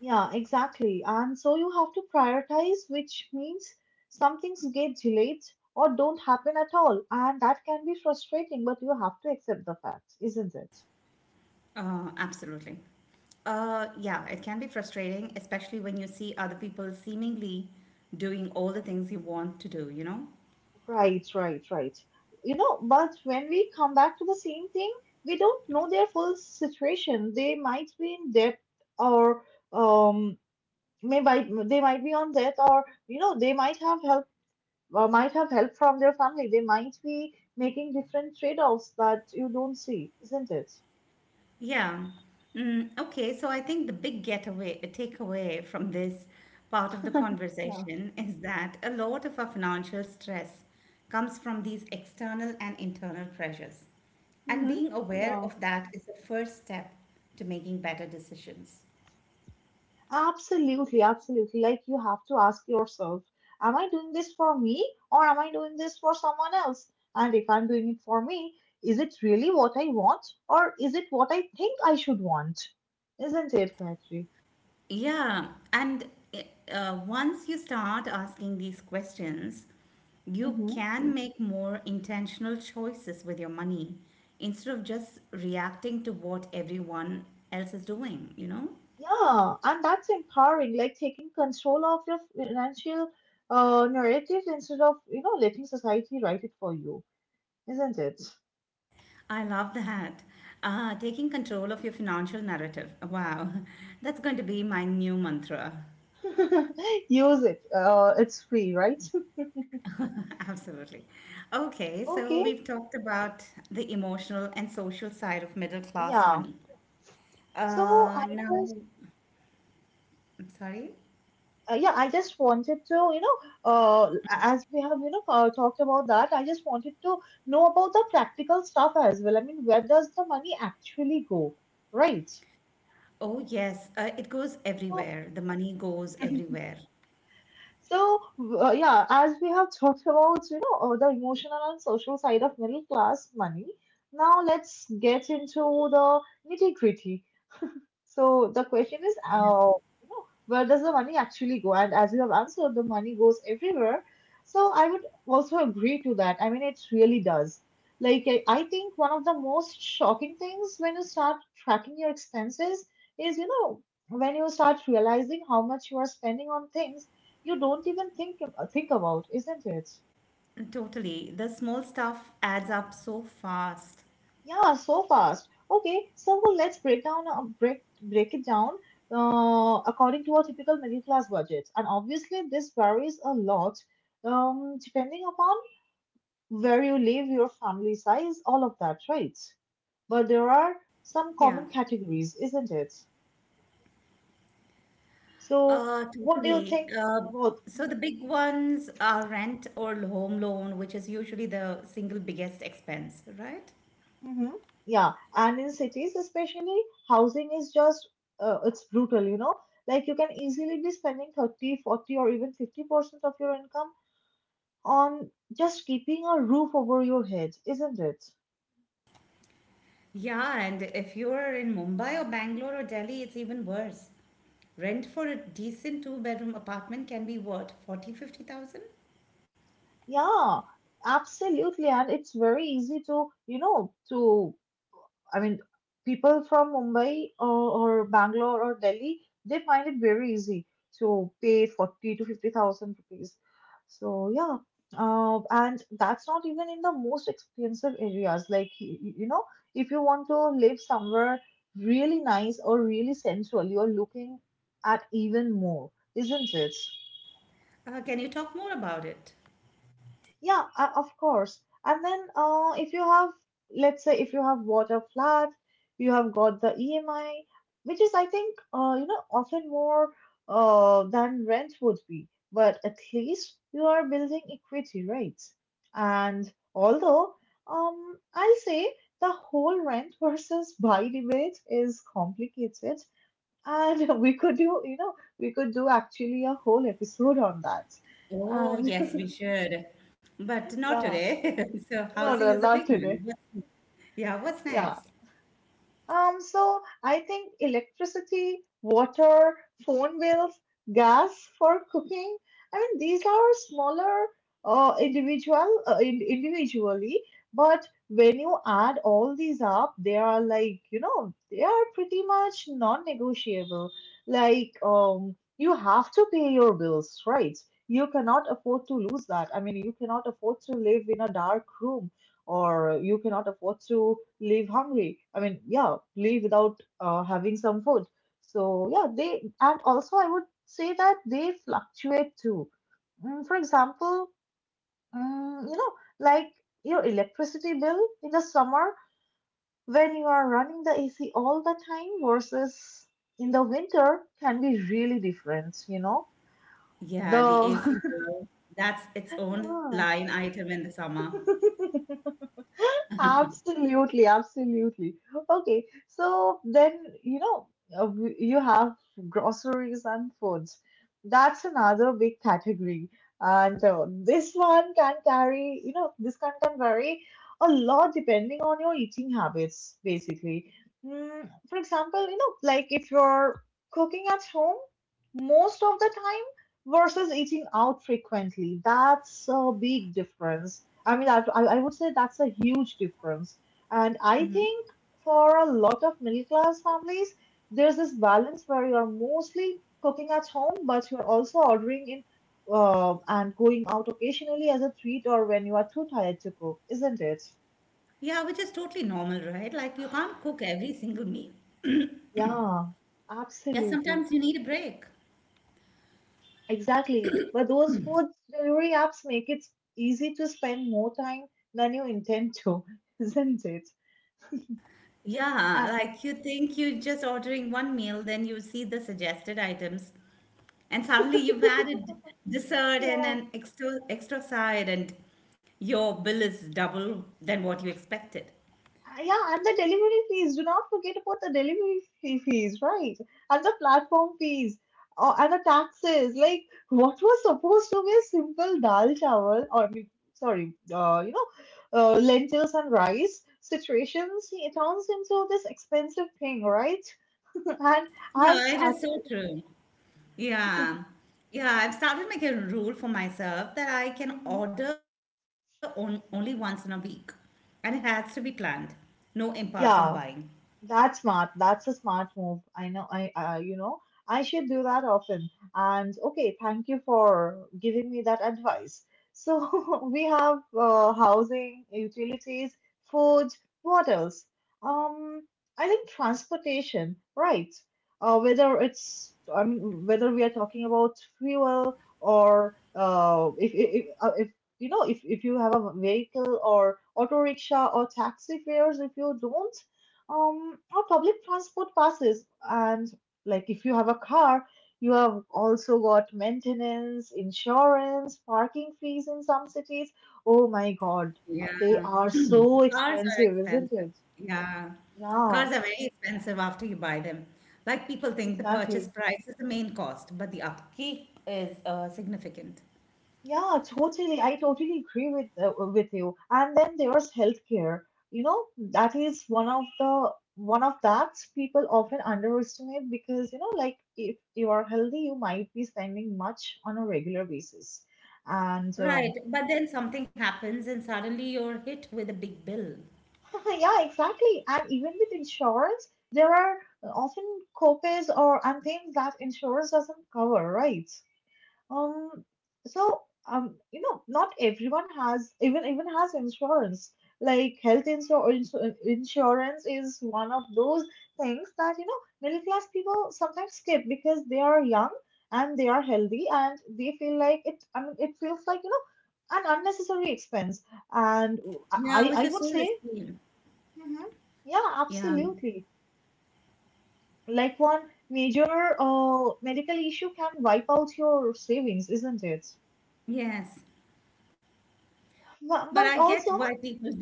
Speaker 2: Yeah, exactly. And so you have to prioritize, which means some things get delayed or don't happen at all. And that can be frustrating, but you have to accept the facts, isn't it?
Speaker 1: Uh, absolutely. Uh, yeah, it can be frustrating, especially when you see other people seemingly doing all the things you want to do, you know?
Speaker 2: Right, right, right. You know, but when we come back to the same thing, we don't know their full situation. They might be in debt, or um, maybe they might be on debt, or you know, they might have help, or might have help from their family. They might be making different trade-offs that you don't see, isn't it?
Speaker 1: Yeah. Mm, okay, so I think the big getaway takeaway from this part of the
Speaker 2: Yeah.
Speaker 1: conversation is that a lot of our financial stress comes from these external and internal pressures. And
Speaker 2: Mm-hmm.
Speaker 1: being aware
Speaker 2: Yeah.
Speaker 1: of that is the first step to making better decisions.
Speaker 2: Absolutely, absolutely. Like you have to ask yourself, am I doing this for me or am I doing this for someone else? And if I'm doing it for me, is it really what I want or is it what I think I should want? Isn't it, Gayatri?
Speaker 1: Yeah, and uh, once you start asking these questions, you
Speaker 2: Mm-hmm.
Speaker 1: can make more intentional choices with your money instead of just reacting to what everyone else is doing, you know?
Speaker 2: Yeah, and that's empowering, like taking control of your financial uh, narrative instead of, you know, letting society write it for you, isn't it?
Speaker 1: I love that. Uh, taking control of your financial narrative. Wow, that's going to be my new mantra.
Speaker 2: Use it. Uh, it's free, right?
Speaker 1: Absolutely. Okay, so
Speaker 2: Okay.
Speaker 1: we've talked about the emotional and social side of middle class
Speaker 2: Yeah.
Speaker 1: money.
Speaker 2: So I
Speaker 1: Uh, now,
Speaker 2: just,
Speaker 1: I'm sorry.
Speaker 2: uh, yeah, I just wanted to, you know, uh, as we have, you know, uh, talked about that, I just wanted to know about the practical stuff as well. I mean, where does the money actually go, right?
Speaker 1: Oh, yes. Uh, it goes
Speaker 2: So,
Speaker 1: everywhere. The money goes everywhere.
Speaker 2: so uh, yeah, as we have talked about, you know, uh, the emotional and social side of middle class money, now let's get into the nitty-gritty. So the question is, uh, you know, where does the money actually go? And as you have answered, the money goes everywhere. So I would also agree to that. I mean, it really does. Like, I, I think one of the most shocking things when you start tracking your expenses is, you know, when you start realizing how much you are spending on things you don't even think ab- think about, isn't it?
Speaker 1: Totally. The small stuff adds up so fast.
Speaker 2: Yeah, so fast. Okay, so let's break down uh, break break it down uh, according to a typical middle class budget. And obviously, this varies a lot um, depending upon where you live, your family size, all of that, right? But there are some
Speaker 1: Yeah.
Speaker 2: common categories, isn't it? So,
Speaker 1: Uh,
Speaker 2: what do you
Speaker 1: totally.
Speaker 2: think
Speaker 1: Uh,
Speaker 2: about?
Speaker 1: so the big ones are rent or home loan, which is usually the single biggest expense, right?
Speaker 2: Mm-hmm. Yeah, and in cities especially, housing is just uh, it's brutal, you know. Like you can easily be spending thirty, forty, or even fifty percent of your income on just keeping a roof over your head, isn't it?
Speaker 1: Yeah, and if you're in Mumbai or Bangalore or Delhi, it's even worse. Rent for a decent two-bedroom apartment can be what, forty, fifty thousand.
Speaker 2: Yeah, absolutely. And it's very easy to, you know, to I mean, people from Mumbai or, or Bangalore or Delhi, they find it very easy to pay forty to fifty thousand rupees. So, yeah. Uh, and that's not even in the most expensive areas. Like, y- y- you know, if you want to live somewhere really nice or really sensual, you're looking at even more, isn't it?
Speaker 1: fifty thousand? Uh, can you talk more about it?
Speaker 2: Yeah, uh, of course. And then uh, if you have, let's say, if you have bought a flat, you have got the E M I, which is, I think, uh, you know, often more uh, than rent would be. But at least you are building equity, right? And although, um, I'll say the whole rent versus buy debate is complicated, and we could do, you know, we could do actually a whole episode on that.
Speaker 1: Oh,
Speaker 2: And
Speaker 1: yes, we should. But not
Speaker 2: yeah.
Speaker 1: today. So
Speaker 2: No,
Speaker 1: housing is
Speaker 2: no,
Speaker 1: a big
Speaker 2: not
Speaker 1: one.
Speaker 2: today.
Speaker 1: What- Yeah, what's
Speaker 2: Yeah.
Speaker 1: next?
Speaker 2: Um, so I think electricity, water, phone bills, gas for cooking. I mean, these are smaller uh, individual uh, in- individually, but when you add all these up, they are like, you know, they are pretty much non-negotiable. Like, um, you have to pay your bills, right? You cannot afford to lose that. I mean, you cannot afford to live in a dark room or you cannot afford to leave hungry. I mean, yeah, leave without uh, having some food. So, yeah, they, and also I would say that they fluctuate too. Mm, for example, mm, you know, like your electricity bill in the summer when you are running the A C all the time versus in the winter can be really different, you know.
Speaker 1: Yeah, the A C
Speaker 2: The
Speaker 1: bill. That's its own line item in the summer.
Speaker 2: yeah. Absolutely, absolutely. Okay, so then, you know, uh, w- you have groceries and foods. That's another big category. And uh, this one can carry, you know, this can, can vary a lot depending on your eating habits, basically. Mm, for example, you know, like if you're cooking at home most of the time versus eating out frequently, that's a big difference. I mean, that, I, I would say that's a huge difference. And I
Speaker 1: Hmm.
Speaker 2: think for a lot of middle class families, there's this balance where you're mostly cooking at home, but you're also ordering in uh, and going out occasionally as a treat or when you are too tired to cook, isn't it?
Speaker 1: Yeah, which is totally normal, right? Like you can't cook every single meal.
Speaker 2: Yeah,
Speaker 1: Yeah,
Speaker 2: absolutely.
Speaker 1: sometimes you need a break.
Speaker 2: Exactly. But those food delivery apps make it easy to spend more time than you intend to, isn't it?
Speaker 1: Yeah,
Speaker 2: Uh,
Speaker 1: like you think you're just ordering one meal, then you see the suggested items, and suddenly you've added dessert and
Speaker 2: yeah.
Speaker 1: an extra extra side, and your bill is double than what you expected.
Speaker 2: Ah, yeah, and the delivery fees. Do not forget about the delivery fee fees, right? And the platform fees uh, and the taxes. Like, what was supposed to be a simple dal chawal or, we- sorry, uh, you know, uh, lentils and rice situations, it turns into this expensive thing, right? And I've
Speaker 1: Yeah, it is so
Speaker 2: started.
Speaker 1: true. Yeah. Yeah, I've started making a rule for myself that I can
Speaker 2: Mhm.
Speaker 1: order on only once in a week. And it has to be planned. No impulsive buying.
Speaker 2: Yeah, that's smart. That's a smart move. I know. I uh, you know, I should do that often. And okay, thank you for giving me that advice. So we have uh, housing, utilities, food. What else? Um, I think transportation, right? Uh, whether it's I mean whether we are talking about fuel or uh, if if if, uh, if you know, if, if you have a vehicle, or auto rickshaw or taxi fares if you don't, um or public transport passes. And like if you have a car, you have also got maintenance, insurance, parking fees in some cities. Oh my god,
Speaker 1: Yeah.
Speaker 2: uh, they are so
Speaker 1: Cars are
Speaker 2: expensive, isn't
Speaker 1: expensive.
Speaker 2: it?
Speaker 1: Yeah.
Speaker 2: Yeah,
Speaker 1: Cars are very expensive after you buy them. Like people think the purchase
Speaker 2: exactly.
Speaker 1: price is the main cost, but the upkeep is uh, significant.
Speaker 2: Yeah, totally. I totally agree with uh, with you. And then there's healthcare. You know, that is one of the one of that people often underestimate, because you know, like if you are healthy, you might be spending much on a regular basis. And
Speaker 1: Right.
Speaker 2: um,
Speaker 1: But then something happens and suddenly you're hit with a big bill.
Speaker 2: yeah, exactly. And even with insurance, there are often copays or and things that insurance doesn't cover, right? Um, so um, you know, not everyone has even even has insurance. Like health insurance insurance is one of those things that, you know, middle class people sometimes skip because they are young and they are healthy and they feel like it. I mean, it feels like, you know, an unnecessary expense. And
Speaker 1: Yeah,
Speaker 2: I
Speaker 1: which
Speaker 2: I
Speaker 1: is
Speaker 2: would
Speaker 1: so
Speaker 2: say,
Speaker 1: risky.
Speaker 2: hmm, yeah,
Speaker 1: Yeah.
Speaker 2: absolutely. Like one major uh medical issue can wipe out your savings, isn't it?
Speaker 1: Yes, but I
Speaker 2: But,
Speaker 1: get
Speaker 2: but
Speaker 1: why
Speaker 2: also,
Speaker 1: people do it.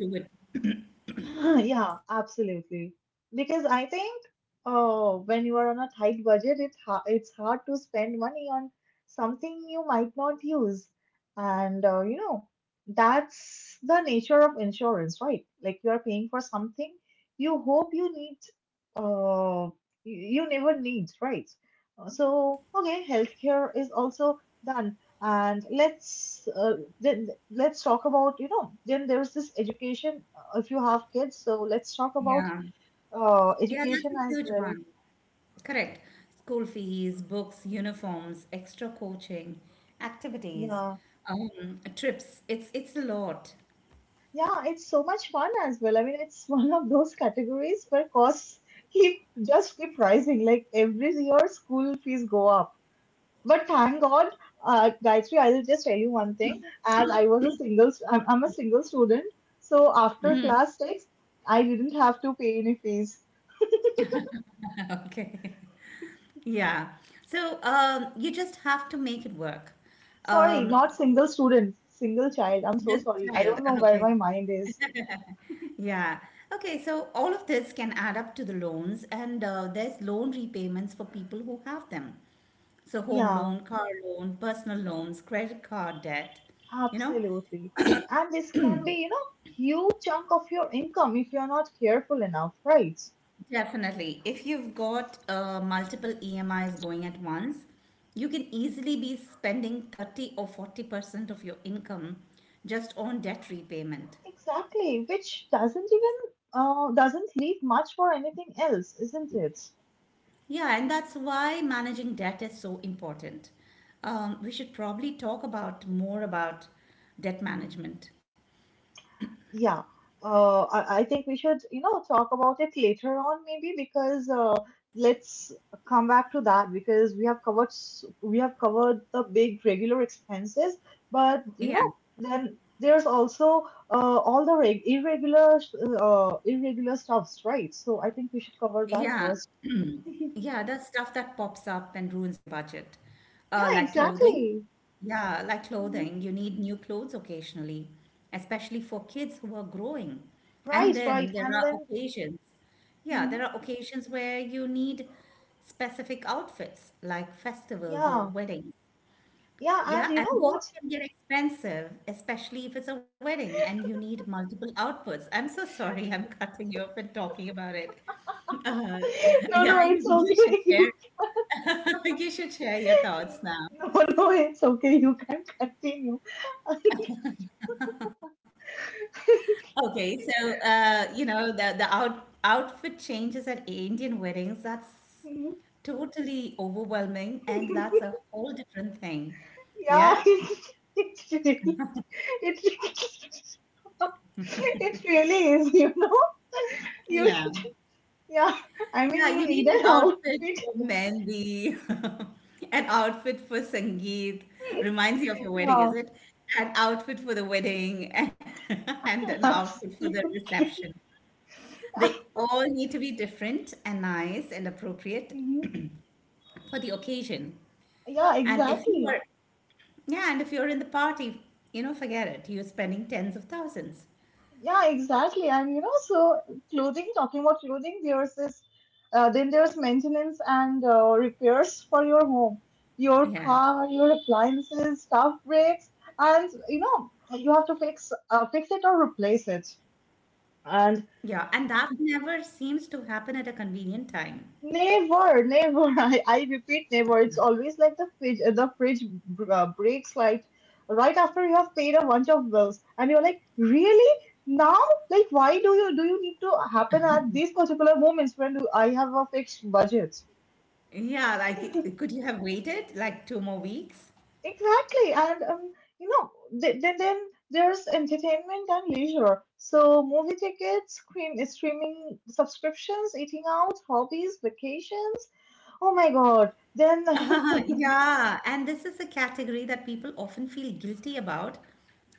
Speaker 2: yeah, absolutely. Because I think, oh, when you are on a tight budget, it ha- it's hard to spend money on something you might not use. And uh, you know, that's the nature of insurance, right? Like you are paying for something you hope you need uh you you never need, right? Uh, So, okay, healthcare is also done. And let's uh, then let's talk about, you know, then there's this education if you have kids. So let's talk about
Speaker 1: Yeah,
Speaker 2: uh,
Speaker 1: yeah, that's
Speaker 2: education
Speaker 1: a
Speaker 2: as
Speaker 1: huge
Speaker 2: well.
Speaker 1: one. Correct. School fees, books, uniforms, extra coaching, activities,
Speaker 2: Yeah.
Speaker 1: um, trips. It's it's a lot.
Speaker 2: Yeah, it's so much fun as well. I mean, it's one of those categories where costs keep just keep rising. Like every year, school fees go up. But thank God, uh, Gayatri, I will just tell you one thing. As I was a single, st- I'm, I'm a single student. So after class six, I didn't have to pay any fees.
Speaker 1: Okay. Yeah. So um, you just have to make it work.
Speaker 2: Sorry,
Speaker 1: Um,
Speaker 2: not single student, single child. I'm so
Speaker 1: Single
Speaker 2: sorry. I
Speaker 1: child.
Speaker 2: don't know where
Speaker 1: Okay.
Speaker 2: my mind is.
Speaker 1: Yeah. Okay, so all of this can add up to the loans, and uh, there's loan repayments for people who have them. So, home
Speaker 2: Yeah.
Speaker 1: loan, car loan, personal loans, credit card debt. You know,
Speaker 2: Absolutely. And this can be, you know, huge chunk of your income if you're not careful enough, right?
Speaker 1: definitely. If you've got uh, multiple E M Is going at once, you can easily be spending thirty or forty percent of your income just on debt repayment.
Speaker 2: Exactly, which doesn't even uh, doesn't leave much for anything else, isn't it?
Speaker 1: Yeah, and that's why managing debt is so important. Um, we should probably talk about more about debt management.
Speaker 2: Yeah, uh, I, I think we should, you know, talk about it later on maybe because uh, let's come back to that because we have covered s- we have covered the big regular expenses, but you
Speaker 1: Yeah,
Speaker 2: know, then there's also uh, all the reg irregular uh, irregular stuffs, right? So I think we should cover that
Speaker 1: yeah,
Speaker 2: first.
Speaker 1: yeah. The stuff that pops up and ruins your budget,
Speaker 2: Yeah,
Speaker 1: uh, like clothing.
Speaker 2: exactly.
Speaker 1: Yeah, like
Speaker 2: Hmm.
Speaker 1: clothing. You need new clothes occasionally, especially for kids who are growing.
Speaker 2: Right,
Speaker 1: And
Speaker 2: right,
Speaker 1: then there
Speaker 2: and
Speaker 1: are
Speaker 2: then
Speaker 1: occasions. Yeah,
Speaker 2: mhm.
Speaker 1: there are occasions where you need specific outfits, like festivals or
Speaker 2: Yeah,
Speaker 1: weddings.
Speaker 2: yeah, and
Speaker 1: Yeah,
Speaker 2: you
Speaker 1: and
Speaker 2: know
Speaker 1: those
Speaker 2: what?
Speaker 1: can get expensive, especially if it's a wedding and you need multiple outputs. I'm so sorry, I'm cutting you off and talking about it. Uh,
Speaker 2: No,
Speaker 1: yeah,
Speaker 2: no, it's
Speaker 1: you, you should
Speaker 2: okay.
Speaker 1: share. You should share your thoughts now.
Speaker 2: No, no, it's okay. You can continue.
Speaker 1: Okay, so uh, you know the the out outfit changes at Indian weddings, that's totally overwhelming, and that's a whole different thing.
Speaker 2: Yeah,
Speaker 1: Yeah?
Speaker 2: it's, it's really, it, really- it really is, you know. You,
Speaker 1: Yeah.
Speaker 2: yeah, I mean,
Speaker 1: Yeah,
Speaker 2: you
Speaker 1: you
Speaker 2: need
Speaker 1: need an
Speaker 2: an
Speaker 1: outfit
Speaker 2: outfit.
Speaker 1: for mehndi, an outfit for sangeet. Reminds you of your wedding, is
Speaker 2: Yeah,
Speaker 1: it? An outfit for the wedding and an outfit for the
Speaker 2: absolutely.
Speaker 1: reception. They all need to be different and nice and appropriate
Speaker 2: Mhm.
Speaker 1: for the occasion.
Speaker 2: Yeah,
Speaker 1: And if you
Speaker 2: exactly.
Speaker 1: are, yeah, and if you're in the party, you know, forget it. You're spending tens of thousands.
Speaker 2: Yeah, exactly. And you know, so clothing, talking about clothing, there's this, uh, then there's maintenance and uh, repairs for your home, your
Speaker 1: Yeah.
Speaker 2: car, your appliances, stuff breaks, and you know, you have to fix uh, fix it or replace it.
Speaker 1: Yeah,
Speaker 2: And
Speaker 1: and that never seems to happen at a convenient time.
Speaker 2: never, never. I, I repeat, never. It's always like the fridge, the fridge br- uh, breaks like right after you have paid a bunch of bills, and you're like, really? Now? Like, why do you do you need to happen at these particular moments when do I have a fixed budget?
Speaker 1: Yeah, like could you have waited like two more weeks?
Speaker 2: Exactly, and um, you know, th- then then there's entertainment and leisure. So movie tickets, screen streaming subscriptions, eating out, hobbies, vacations. Oh my God. Then
Speaker 1: Yeah, and this is a category that people often feel guilty about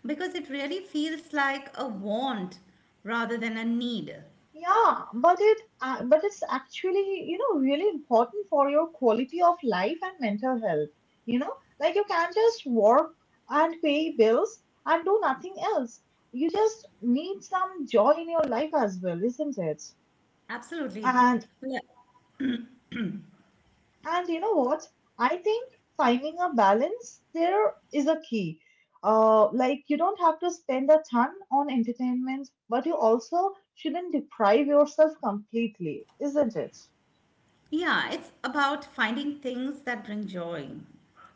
Speaker 1: because it really feels like a want rather than a need.
Speaker 2: yeah, but it uh, but it's actually, you know, really important for your quality of life and mental health. You know, like you can't just work and pay bills and do nothing else. You just need some joy in your life as well, isn't it?
Speaker 1: Absolutely.
Speaker 2: And
Speaker 1: Yeah,
Speaker 2: and you know what? I think finding a balance there is a key. Uh, like you don't have to spend a ton on entertainment, but you also shouldn't deprive yourself completely, isn't it?
Speaker 1: yeah, it's about finding things that bring joy,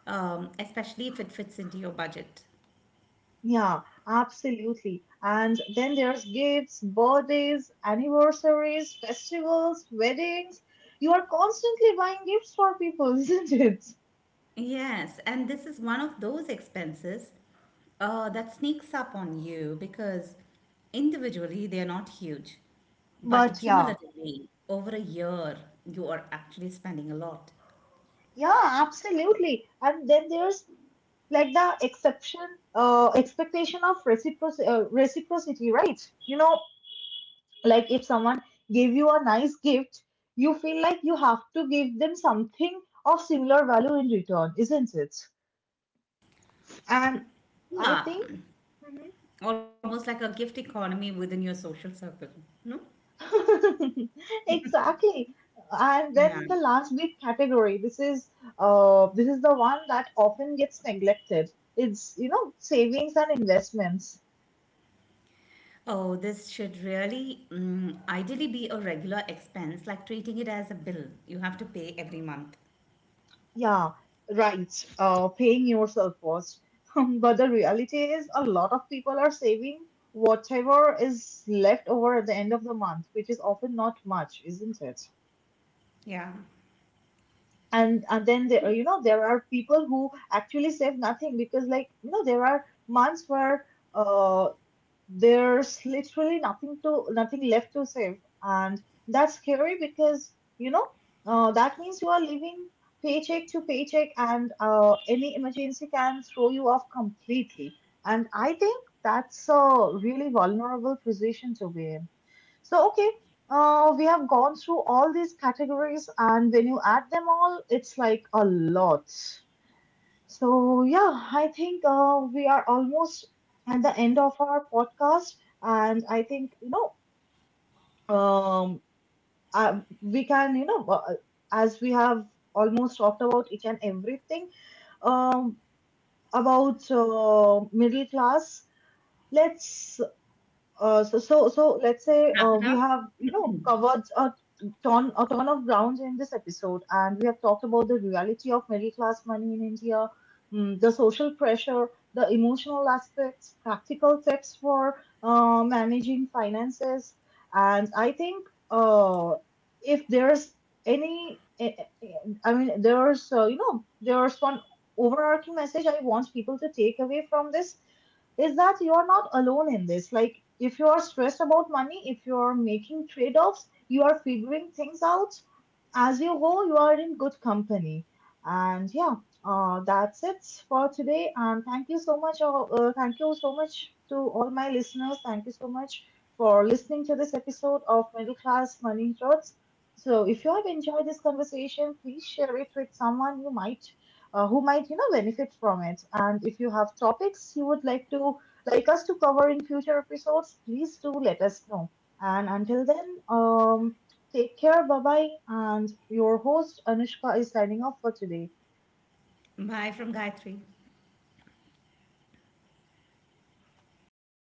Speaker 1: um, especially if it fits into your budget.
Speaker 2: Yeah, absolutely. And then there's gifts, birthdays, anniversaries, festivals, weddings. You are constantly buying gifts for people, isn't it?
Speaker 1: Yes, and this is one of those expenses uh, that sneaks up on you because individually they are not huge, but
Speaker 2: But yeah,
Speaker 1: cumulatively over a year you are actually spending a lot.
Speaker 2: yeah, absolutely. And then there's like the exception, uh, expectation of reciproc- uh, reciprocity, right? You know, like if someone gave you a nice gift, you feel like you have to give them something of similar value in return, isn't it? And I
Speaker 1: Yeah,
Speaker 2: think.
Speaker 1: almost like a gift economy within your social circle. No?
Speaker 2: Exactly. And
Speaker 1: Yeah.
Speaker 2: then the last big category, this is uh this is the one that often gets neglected. It's, you know, savings and investments.
Speaker 1: Oh, this should really mm, ideally be a regular expense, like treating it as a bill you have to pay every month.
Speaker 2: Yeah, right. Uh, paying yourself first. But the reality is a lot of people are saving whatever is left over at the end of the month, which is often not much, isn't it?
Speaker 1: Yeah.
Speaker 2: And and then there, you know, there are people who actually save nothing because, like, you know, there are months where uh there's literally nothing to nothing left to save, and that's scary, because you know, uh, that means you are living paycheck to paycheck, and uh, any emergency can throw you off completely. And I think that's a really vulnerable position to be in. So okay, uh, we have gone through all these categories, and when you add them all, it's like a lot. So, yeah, I think uh, we are almost at the end of our podcast, and I think, you know, um, uh, we can, you know, uh, as we have almost talked about each and everything, um, about uh, middle class. Let's Uh, so, so, so let's say
Speaker 1: Wrap
Speaker 2: uh,
Speaker 1: it
Speaker 2: we
Speaker 1: up.
Speaker 2: have, you know, covered a ton, a ton of grounds in this episode, and we have talked about the reality of middle class money in India, mm, the social pressure, the emotional aspects, practical tips for uh, managing finances. And I think, uh, if there's any, eh, eh, eh, I mean, there's, uh, you know, there's one overarching message I want people to take away from this, is that you're not alone in this. Like, if you are stressed about money, if you're making trade offs, you are figuring things out as you go, you are in good company. And yeah, uh, that's it for today. And thank you so much. Uh, uh, thank you so much to all my listeners. Thank you so much for listening to this episode of Middle Class Money Thoughts. So, if you have enjoyed this conversation, please share it with someone you might, uh, who might, you know, benefit from it. And if you have topics you would like to like us to cover in future episodes, please do let us know. And until then, um, Take care, bye bye. And your host Anushka is signing off for today.
Speaker 1: Bye from Gayatri.